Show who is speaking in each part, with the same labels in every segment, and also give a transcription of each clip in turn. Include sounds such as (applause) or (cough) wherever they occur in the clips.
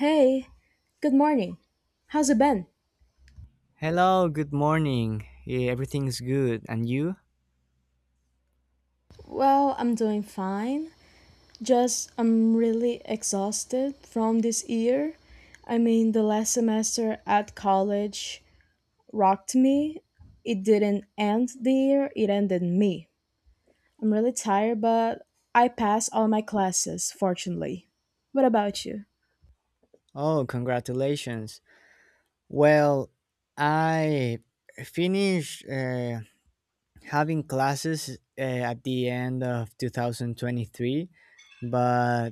Speaker 1: Hey, good morning. How's it been?
Speaker 2: Hello, good morning. Yeah, everything's good. And you?
Speaker 1: Well, I'm doing fine. Just I'm really exhausted from this year. I mean, the last semester at college rocked me. It didn't end the year, it ended me. I'm really tired, but I passed all my classes, fortunately. What about you?
Speaker 2: Oh, congratulations. Well, I finished having classes at the end of 2023, but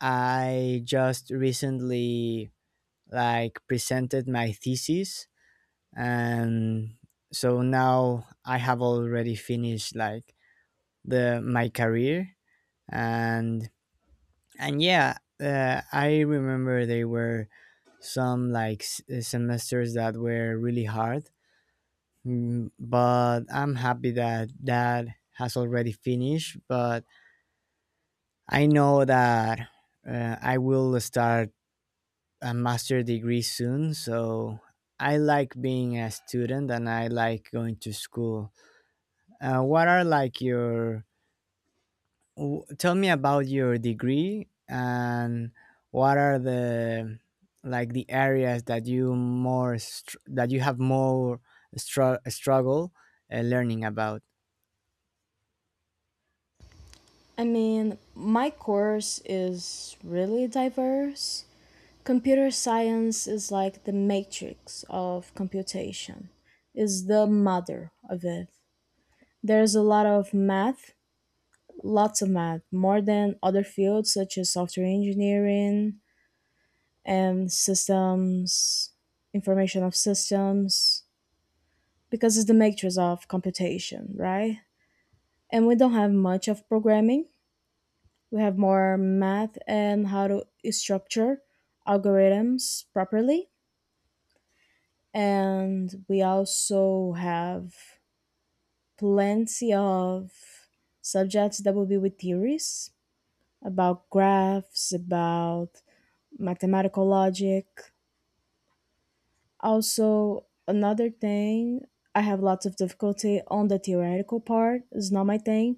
Speaker 2: I just recently like presented my thesis. And so now I have already finished like the my career. And and yeah, uh, I remember there were some like semesters that were really hard. But I'm happy that has already finished. But I know that I will start a master degree soon, so I like being a student and I like going to school. What are like your W- Tell me about your degree and what are the like the areas that that you have more struggle learning about.
Speaker 1: I mean, my course is really diverse. Computer science is like the matrix of computation. Is the mother of it. There's a lot of math, lots of math, more than other fields such as software engineering and systems, information of systems, because it's the matrix of computation, right? And we don't have much of programming, we have more math and how to structure algorithms properly, and we also have plenty of subjects that will be with theories about graphs, about mathematical logic. Also, another thing, I have lots of difficulty on the theoretical part. It's not my thing.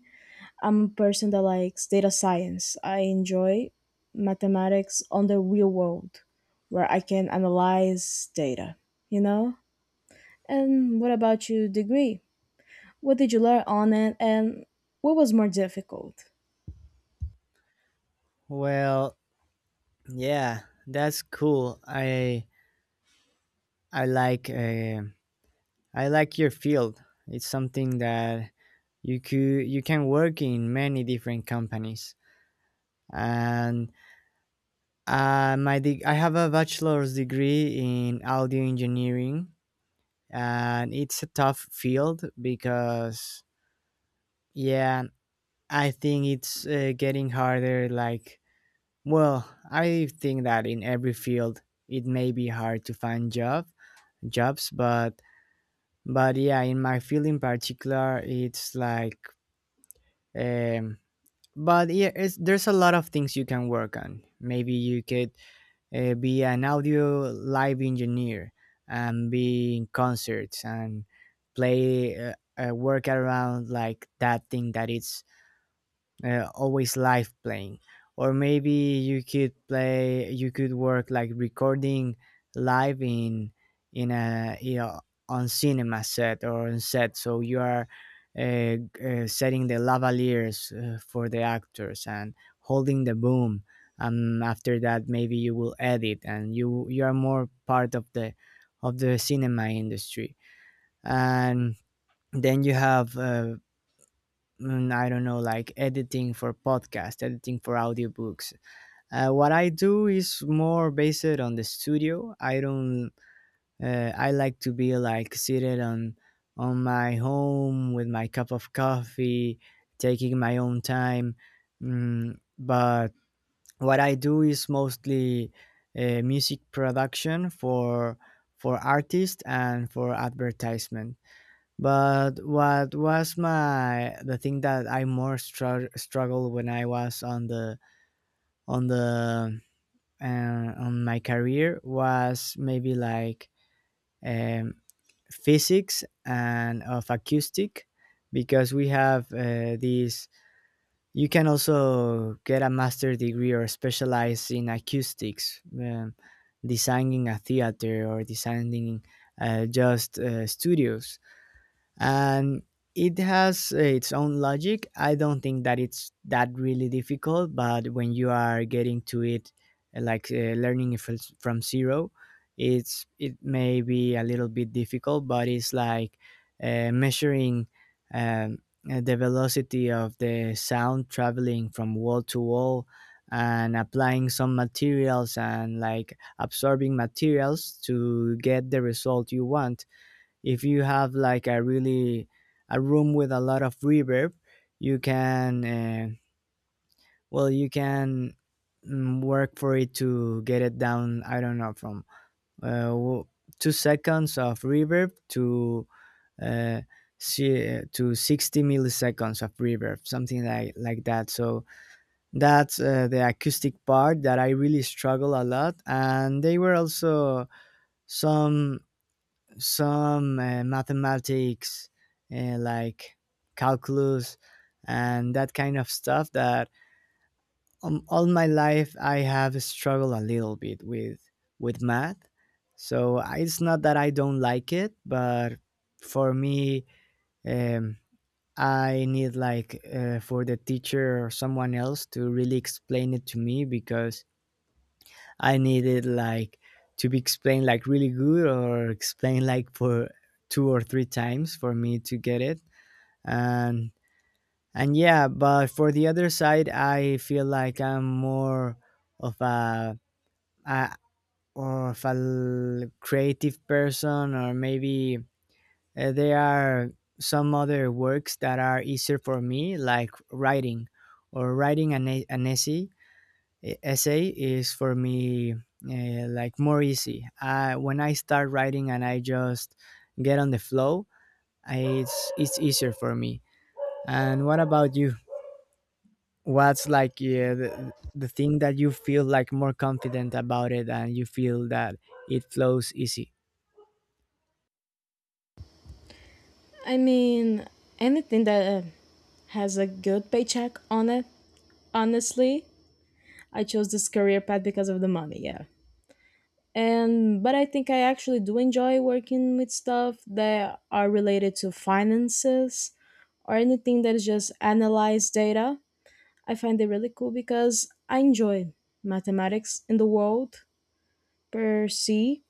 Speaker 1: I'm a person that likes data science. I enjoy mathematics on the real world where I can analyze data, you know? And what about your degree? What did you learn on it and what was more difficult?
Speaker 2: Well, yeah, that's cool. I like I like your field. It's something that you can work in many different companies. And I have a bachelor's degree in audio engineering, and it's a tough field because, yeah, I think it's getting harder. Like, well, I think that in every field it may be hard to find jobs, but yeah, in my field in particular, it's like um but yeah, there's a lot of things you can work on. Maybe you could be an audio live engineer and be in concerts and play work around like that thing that it's always live playing. Or maybe you could work like recording live in a, you know, on cinema set or on set, so you are uh, setting the lavaliers for the actors and holding the boom. After that maybe you will edit and you are more part of the cinema industry. And then you have I don't know, like editing for podcast, editing for audiobooks. What I do is more based on the studio. I don't. I like to be like seated on my home with my cup of coffee, taking my own time. But what I do is mostly music production for artists and for advertisement. But what was my the thing that I more struggled when I was on the on the on my career was maybe like um, physics and of acoustic, because we have these, you can also get a master degree or specialize in acoustics. Designing a theater or designing just studios, and it has its own logic. I don't think that it's that really difficult, but when you are getting to it, learning it, it's from zero. It's it may be a little bit difficult. But it's like measuring um, the velocity of the sound traveling from wall to wall and applying some materials and like absorbing materials to get the result you want. If you have like a really, a room with a lot of reverb, you can well, you can work for it to get it down. I don't know, from uh, 2 seconds of reverb to uh, to 60 milliseconds of reverb, something like that. So that's the acoustic part that I really struggle a lot. And they were also some some mathematics like calculus and that kind of stuff that, all my life I have struggled a little bit with math. So it's not that I don't like it, but for me, um, I need like for the teacher or someone else to really explain it to me, because I needed like to be explained like really good or explained like for two or three times for me to get it. And and but for the other side, I feel like I'm more of a or of a creative person. Or maybe there are some other works that are easier for me, like writing or writing an essay. Essay is for me like more easy. When I start writing and I just get on the flow, it's easier for me. And what about you? What's like the thing that you feel like more confident about it and you feel that it flows easy?
Speaker 1: I mean, anything that has a good paycheck on it, honestly. I chose this career path because of the money, yeah. And but I think I actually do enjoy working with stuff that are related to finances or anything that is just analyze data. I find it really cool because I enjoy mathematics in the world per se.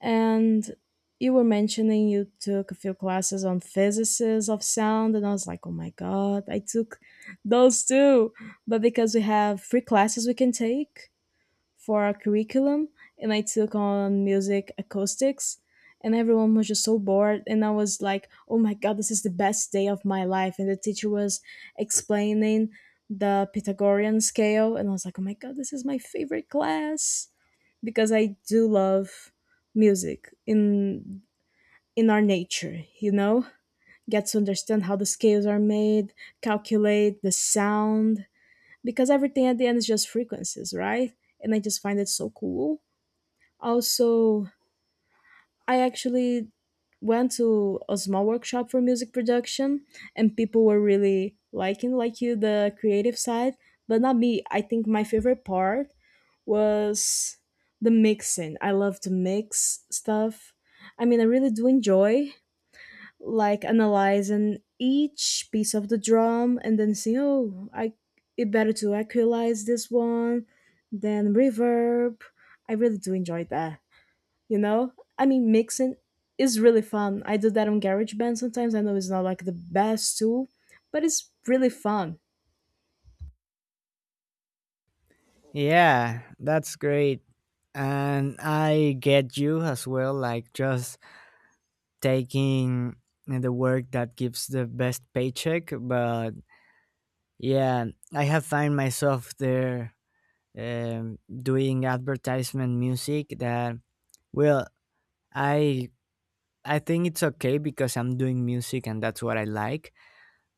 Speaker 1: And you were mentioning you took a few classes on physicists of sound, and I was like, oh my god, I took those too. But because we have free classes we can take for our curriculum, and I took on music acoustics, and everyone was just so bored and I was like, "Oh my god, this is the best day of my life." And the teacher was explaining the Pythagorean scale and I was like, "Oh my god, this is my favorite class." Because I do love music in our nature, you know? Get to understand how the scales are made, calculate the sound, because everything at the end is just frequencies, right? And I just find it so cool. Also, I actually went to a small workshop for music production, and people were really liking like you the creative side, but not me. I think my favorite part was the mixing. I love to mix stuff. I mean, I really do enjoy like analyzing each piece of the drum and then seeing, oh, I it better to equalize this one then reverb. I really do enjoy that, you know? I mean, mixing is really fun. I do that on GarageBand sometimes. I know it's not like the best tool, but it's really fun.
Speaker 2: Yeah, that's great. And I get you as well, like, just taking the work that gives the best paycheck. But yeah, I have found myself there doing advertisement music that, well, I I think it's okay because I'm doing music and that's what I like.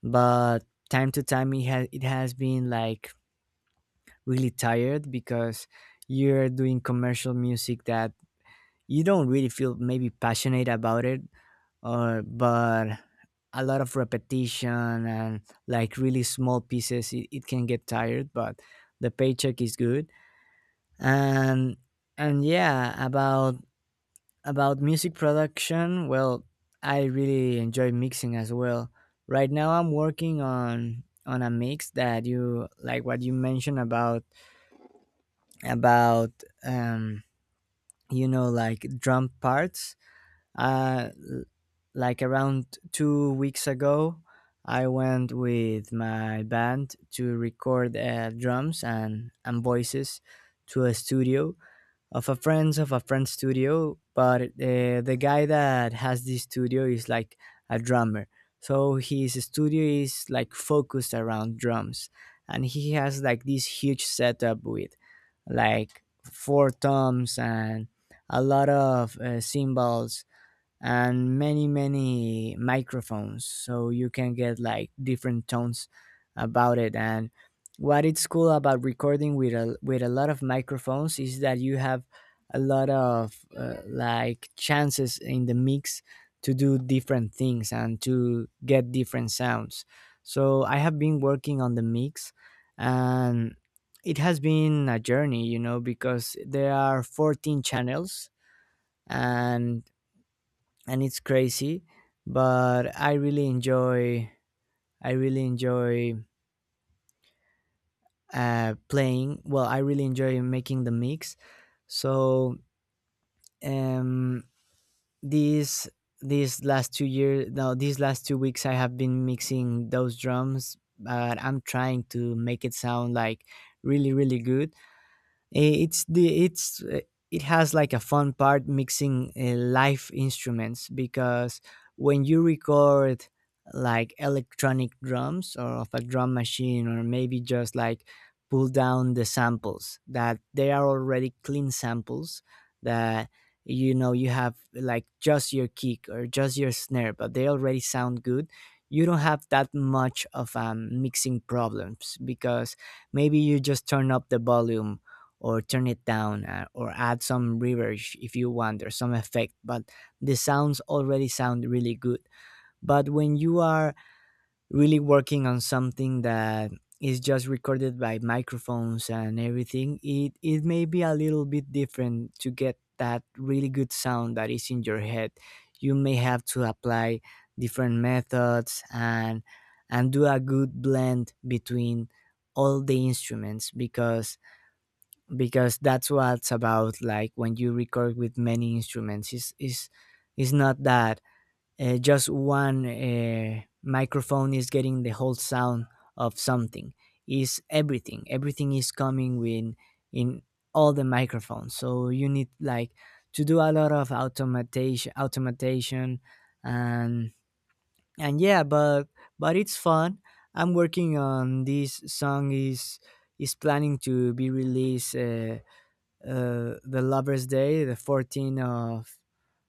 Speaker 2: But time to time it has been like really tired, because you're doing commercial music that you don't really feel maybe passionate about it, or but a lot of repetition and like really small pieces. It can get tired, but the paycheck is good. And and yeah about music production, well, I really enjoy mixing as well. Right now I'm working on a mix that, you like what you mentioned about, um you know, like drum parts. uh l- like, around 2 weeks ago I went with my band to record drums and voices to a studio, of a friend's studio. But the guy that has this studio is like a drummer, so his studio is like focused around drums. And he has like this huge setup with like four toms and a lot of cymbals and many microphones, so you can get like different tones about it. And what it's cool about recording with a lot of microphones is that you have a lot of like chances in the mix to do different things and to get different sounds. So I have been working on the mix, and it has been a journey, you know, because there are 14 channels. and and it's crazy, but I really enjoy, I really enjoy playing well I really enjoy making the mix. So um these these last 2 weeks I have been mixing those drums, but I'm trying to make it sound like really really good. It's the it's it has like a fun part mixing live instruments, because when you record like electronic drums or of a drum machine, or maybe just like pull down the samples, that they are already clean samples. That, you know, you have like just your kick or just your snare, but they already sound good. You don't have that much of mixing problems, because maybe you just turn up the volume or turn it down, or add some reverb if you want or some effect. But the sounds already sound really good. But when you are really working on something that is just recorded by microphones and everything, it may be a little bit different to get that really good sound that is in your head. You may have to apply different methods and do a good blend between all the instruments. Because that's what's about, like, when you record with many instruments, is not that just one microphone is getting the whole sound of something. Is everything, everything is coming with in all the microphones, so you need like to do a lot of automation. And and yeah but but it's fun. I'm working on this song, is planning to be released the Lovers' Day, the 14th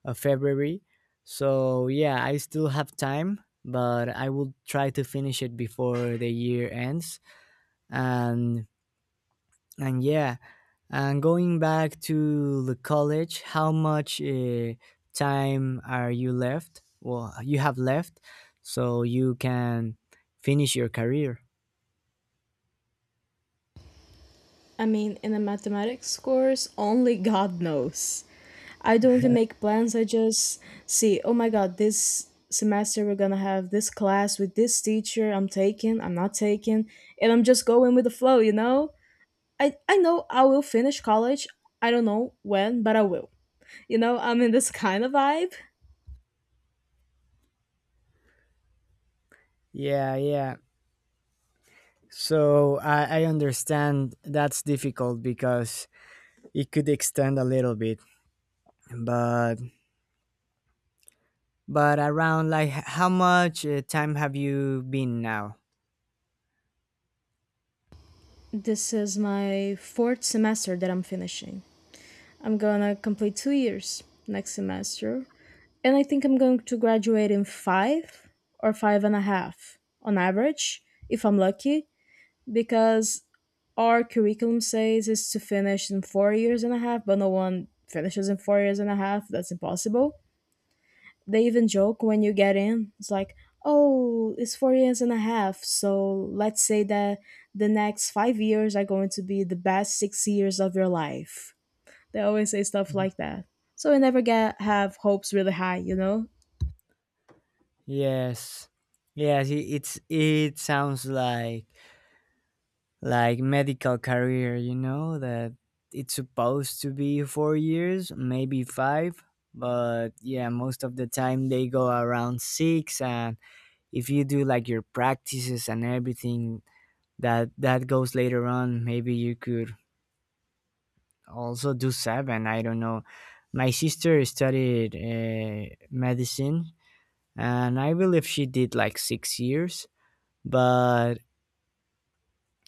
Speaker 2: of February. So yeah, I still have time, but I will try to finish it before the year ends. And and yeah, and going back to the college, how much time are you left? Well, you have left, so you can finish your career.
Speaker 1: I mean, in a mathematics course, only god knows. I don't even make plans. I just see, oh my god, this semester we're gonna have this class with this teacher, I'm taking, I'm not taking, and I'm just going with the flow, you know? I know I will finish college. I don't know when, but I will. You know, I'm in this (laughs) kind of vibe.
Speaker 2: Yeah, yeah. So I understand that's difficult, because it could extend a little bit. but but around like how much time have you been now?
Speaker 1: This is my fourth semester that I'm finishing. I'm gonna complete 2 years next semester. And I think I'm going to graduate in five or five and a half on average, if I'm lucky, because our curriculum says is to finish in 4 years and a half, but no one finishes in 4 years and a half. That's impossible. They even joke when you get in. It's like, oh, it's 4 years and a half. So let's say that the next 5 years are going to be the best 6 years of your life. They always say stuff
Speaker 2: Mhm.
Speaker 1: like that. So we never get have hopes really high, you know?
Speaker 2: Yes, yes, it's, it sounds like medical career, you know, that it's supposed to be 4 years, maybe five. But yeah, most of the time they go around six. And if you do like your practices and everything, that that goes later on, maybe you could also do sab, and I don't know, my sister studied medicine, and I believe she did like 6 years. but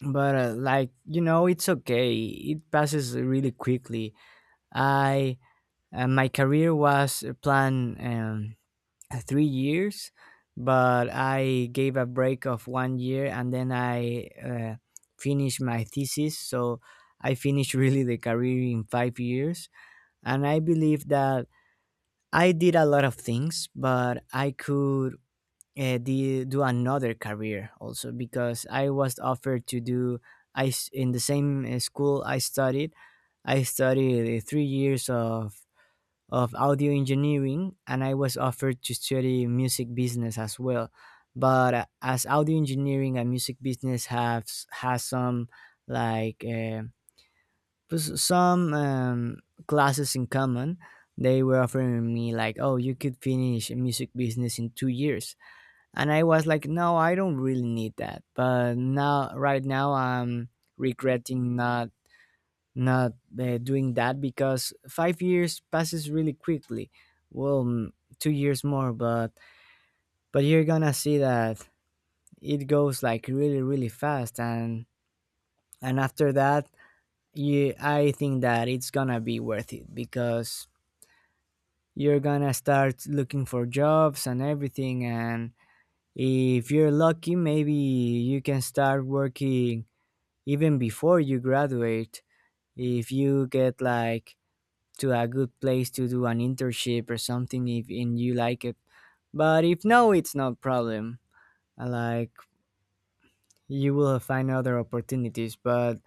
Speaker 2: but like, you know, it's okay, it passes really quickly. I Uh, my career was planned 3 years, but I gave a break of 1 year, and then I finished my thesis. So I finished (laughs) really the career in 5 years. And I believe that I did a lot of things, but I could do another career also, because I was offered to do, in the same school I studied. I studied 3 years of audio engineering, and I was offered to study music business as well. But as audio engineering and music business has some like. Uh, some classes in common. They were offering me like, oh, you could finish music business in 2 years. And I was like, no, I don't really need that, but now right now I'm regretting not doing that, because 5 years passes really quickly. Well, 2 years more, but you're gonna see that it goes like really fast. And after that, you I think that it's gonna be worth it, because you're gonna start looking for jobs and everything. And if you're lucky, maybe you can start working even before you graduate, if you get like to a good place to do an internship or something, if and you like it. But if no, it's not problem. Like, you will find other opportunities, but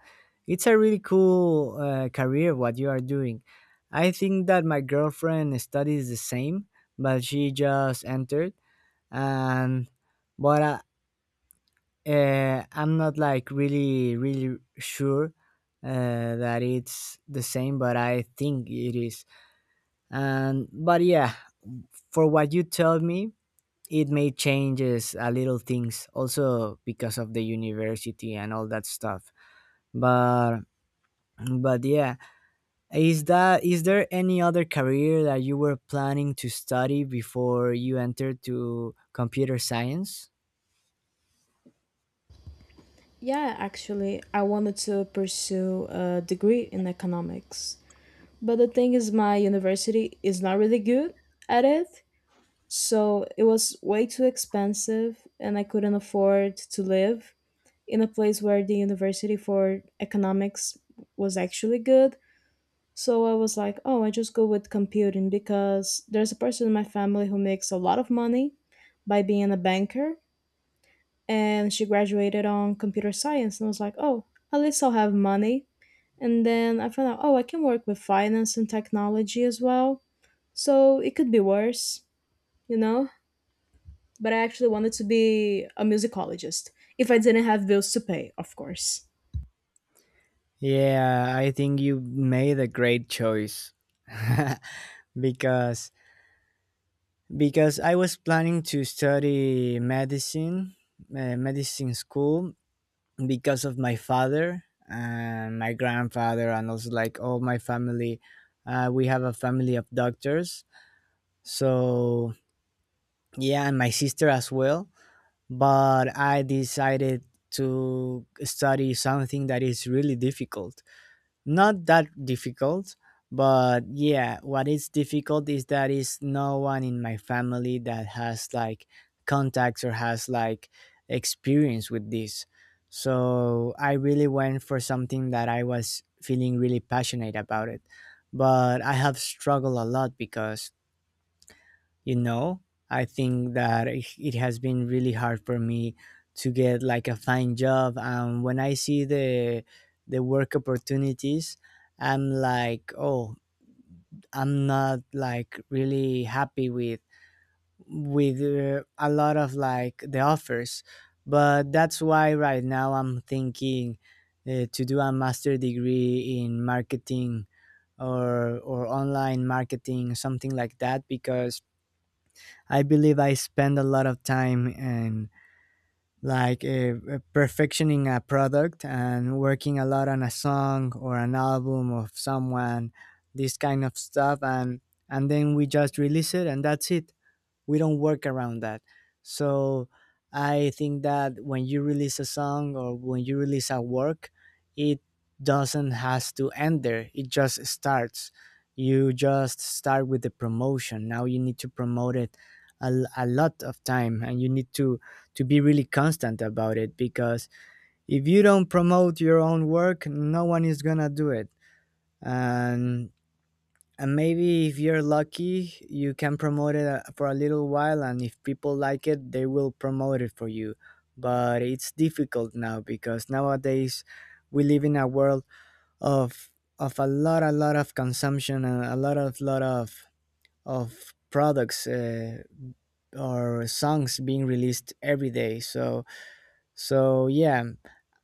Speaker 2: it's a really cool career what you are doing. I think that my girlfriend studies the same, but she just entered. And but I'm not like really sure that it's the same, but I think it is. And but yeah, for what you told me, it made changes a little things also because of the university and all that stuff. But but yeah, is there any other career that you were planning to study before you entered to computer science?
Speaker 1: Yeah, actually, I wanted to pursue a degree in economics. But the thing is, my university is not really good at it. So it was way too expensive, and I couldn't afford to live in a place where the university for economics was actually good. So I was like, oh, I just go with computing because there's a person in my family who makes a lot of money by being a banker, and she graduated on computer science, and I was like, oh, at least I'll have money. And then I found out, oh, I can work with finance and technology as well, so it could be worse, you know? But I actually wanted to be a musicologist, if I didn't have bills to pay, of course.
Speaker 2: Yeah, I think you made a great choice. (laughs) because because I was planning to study medicine, medicine school, because of my father and my grandfather and also like all my family. We have a family of doctors. So, yeah, and my sister as well. But I decided to study something that is really difficult. Not that difficult, but yeah, what is difficult is that is no one in my family that has like contacts or has like experience with this. So I really went for something that I was feeling really passionate about it, but I have struggled a lot because, you know, I think that it has been really hard for me to get like a fine job. And when I see the work opportunities, I'm like, oh, I'm not like really happy with a lot of like the offers. But that's why right now I'm thinking to do a master degree in marketing, or online marketing, something like that. Because I believe I spend a lot of time in, like, perfectioning a product and working a lot on a song or an album of someone, this kind of stuff. And then we just release it, and that's it. We don't work around that. So I think that when you release a song or when you release a work, it doesn't has to end there. It just starts. You just start with the promotion. Now you need to promote it a lot of time, and you need to be really constant about it, because if you don't promote your own work, no one is gonna do it. and and maybe if you're lucky, you can promote it for a little while, and if people like it, they will promote it for you. But it's difficult now, because nowadays we live in a world of of a lot of consumption, and a lot of products, or songs being released every day. So so yeah,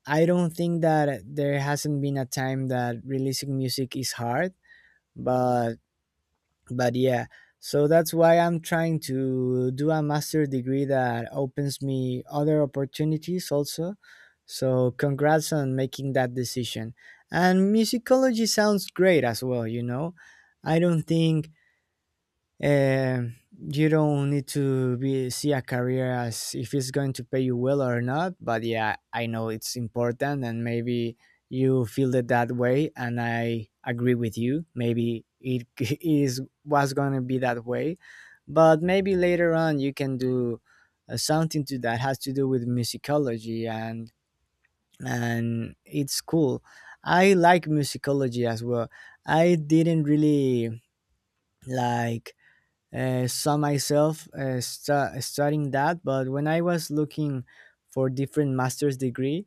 Speaker 2: I don't think that there hasn't been a time that releasing music is hard. but but yeah, so that's why I'm trying to do a master degree that opens me other opportunities also. So congrats on making that decision. And musicology sounds great as well, you know. I don't think, um, you don't need to be see a career as if it's going to pay you well or not. But yeah, I know it's important, and maybe you feel it that way, and I agree with you. Maybe it (laughs) is was going to be that way, but maybe later on you can do something to that has to do with musicology. And it's cool. I like musicology as well. I didn't really like saw myself studying that. But when I was looking for different master's degree,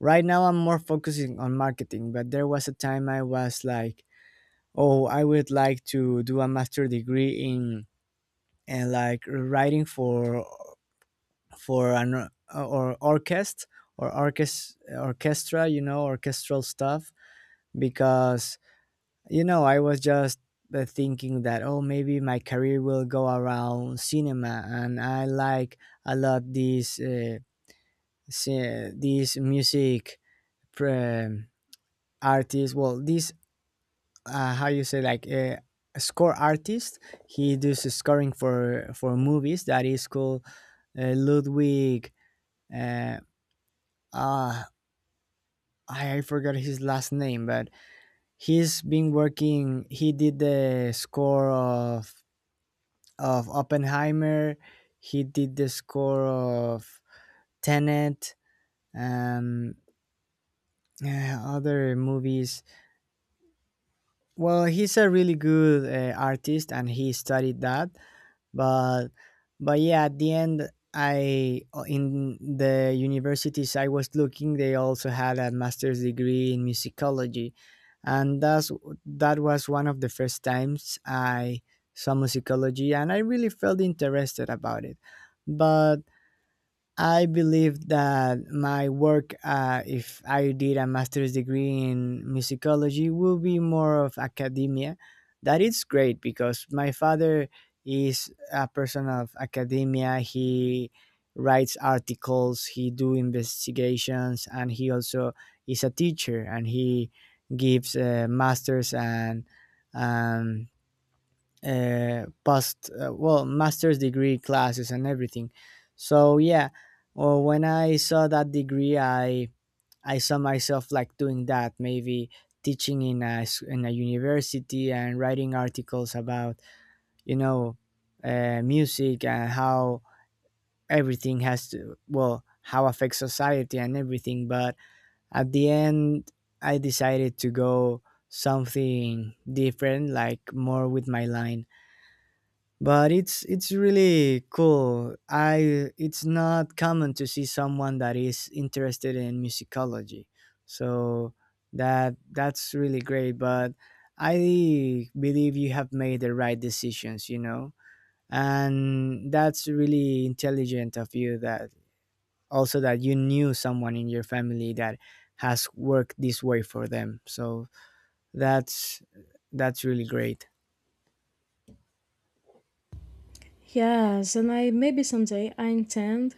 Speaker 2: right now I'm more focusing on marketing, but there was a time I was like, oh, I would like to do a master degree in, and like writing for an or orchestra or orchestra orchestra, you know, orchestral stuff. Because, you know, I was just thinking that, oh, maybe my career will go around cinema. And I like a lot these these music pre- artists. Well, this how you say like a score artist. He does the scoring for movies. That is called Ludwig. Uh, uh, I forgot his last name, but he's been working. He did the score of Oppenheimer. He did the score of Tenet and uh, other movies. Well, he's a really good artist, and he studied that. But but yeah, at the end, I in the universities I was looking, they also had a master's degree in musicology. And that's that was one of the first times I saw musicology, and I really felt interested about it. But I believe that my work, if I did a master's degree in musicology, will be more of academia. That is great, because my father is a person of academia. He writes articles, he do investigations, and he also is a teacher, and he gives masters and um, past well master's degree classes and everything. So yeah, well, when I saw that degree, I saw myself like doing that, maybe teaching in in a university, and writing articles about, you know, music and how everything has to, well, how affects society and everything. But at the end, I decided to go something different, like more with my line. But it's really cool. I it's not common to see someone that is interested in musicology. So that that's really great. But I believe you have made the right decisions, you know. And that's really intelligent of you, that also that you knew someone in your family that has worked this way for them. So that's that's really great.
Speaker 1: Yes, and I maybe someday I intend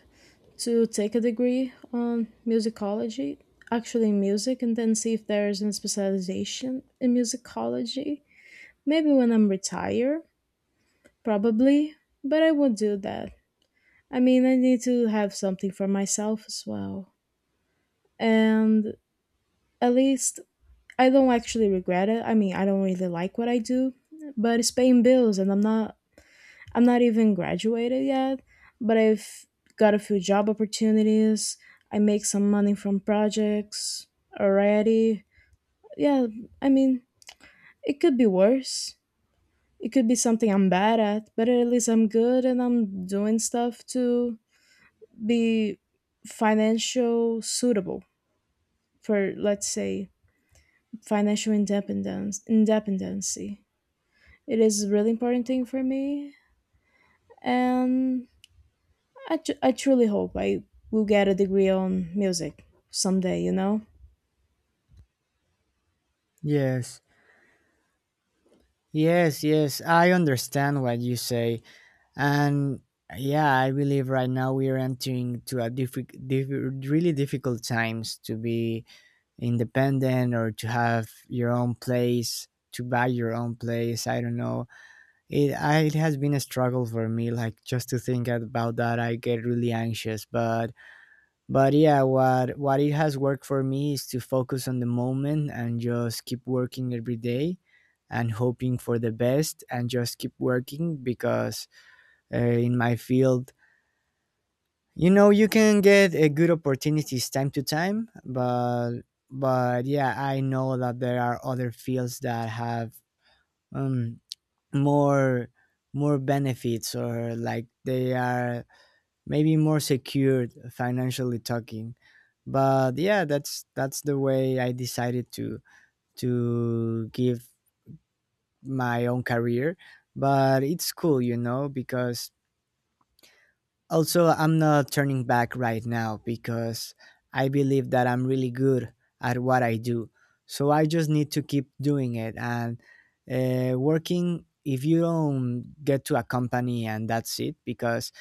Speaker 1: to take a degree on musicology, actually in music, and then see if there's a specialization in musicology. Maybe when I'm retired. Probably, but I won't do that. I mean, I need to have something for myself as well. And at least I don't actually regret it. I mean, I don't really like what I do, but it's paying bills, and I'm not even graduated yet, but I've got a few job opportunities. I make some money from projects already. Yeah, I mean, it could be worse. It could be something I'm bad at, but at least I'm good and I'm doing stuff to be financial suitable, for let's say financial independence independency. It is a really important thing for me. And I truly hope I will get a degree on music someday, you know?
Speaker 2: Yes. Yes, yes, I understand what you say. And yeah, I believe right now we are entering to a really difficult times to be independent or to have your own place, to buy your own place. I don't know. It, I, it has been a struggle for me, like just to think about that, I get really anxious. But yeah, what it has worked for me is to focus on the moment and just keep working every day and hoping for the best and just keep working. Because in my field, you know, you can get good opportunities time to time. But yeah, I know that there are other fields that have um more more benefits, or like they are maybe more secured financially talking. But yeah, that's the way I decided to give my own career. But it's cool, you know, because also I'm not turning back right now, because I believe that I'm really good at what I do. So I just need to keep doing it and working, if you don't get to a company, and that's it. Because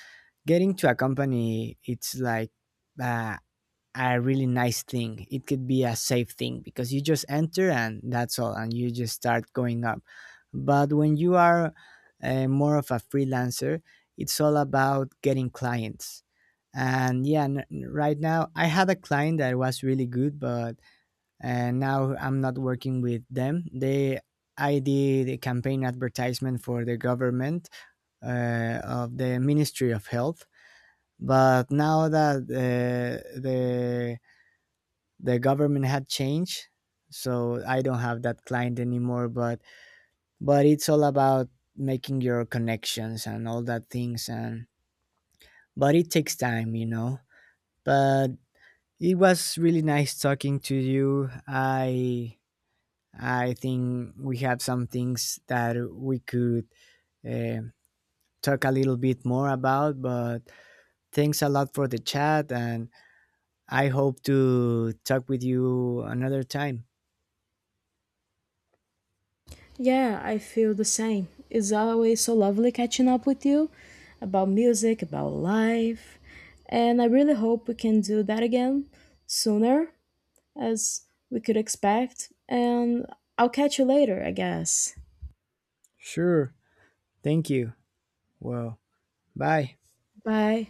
Speaker 2: getting to a company, it's like uh, a really nice thing. It could be a safe thing, because you just enter and that's all, and you just start going up. But when you are more of a freelancer, it's all about getting clients. And yeah, right now I had a client that was really good, but now I'm not working with them. They, I did a campaign advertisement for the government of the Ministry of Health. But now that the government had changed, so I don't have that client anymore. But it's all about making your connections and all that things. And but it takes time, you know. But it was really nice talking to you. I think we have some things that we could uh, talk a little bit more about. But thanks a lot for the chat, and I hope to talk with you another time.
Speaker 1: Yeah, I feel the same. It's always so lovely catching up with you, about music, about life, and I really hope we can do that again sooner as we could expect, and I'll catch you later, I guess.
Speaker 2: Sure. Thank you. Well. Bye.
Speaker 1: Bye.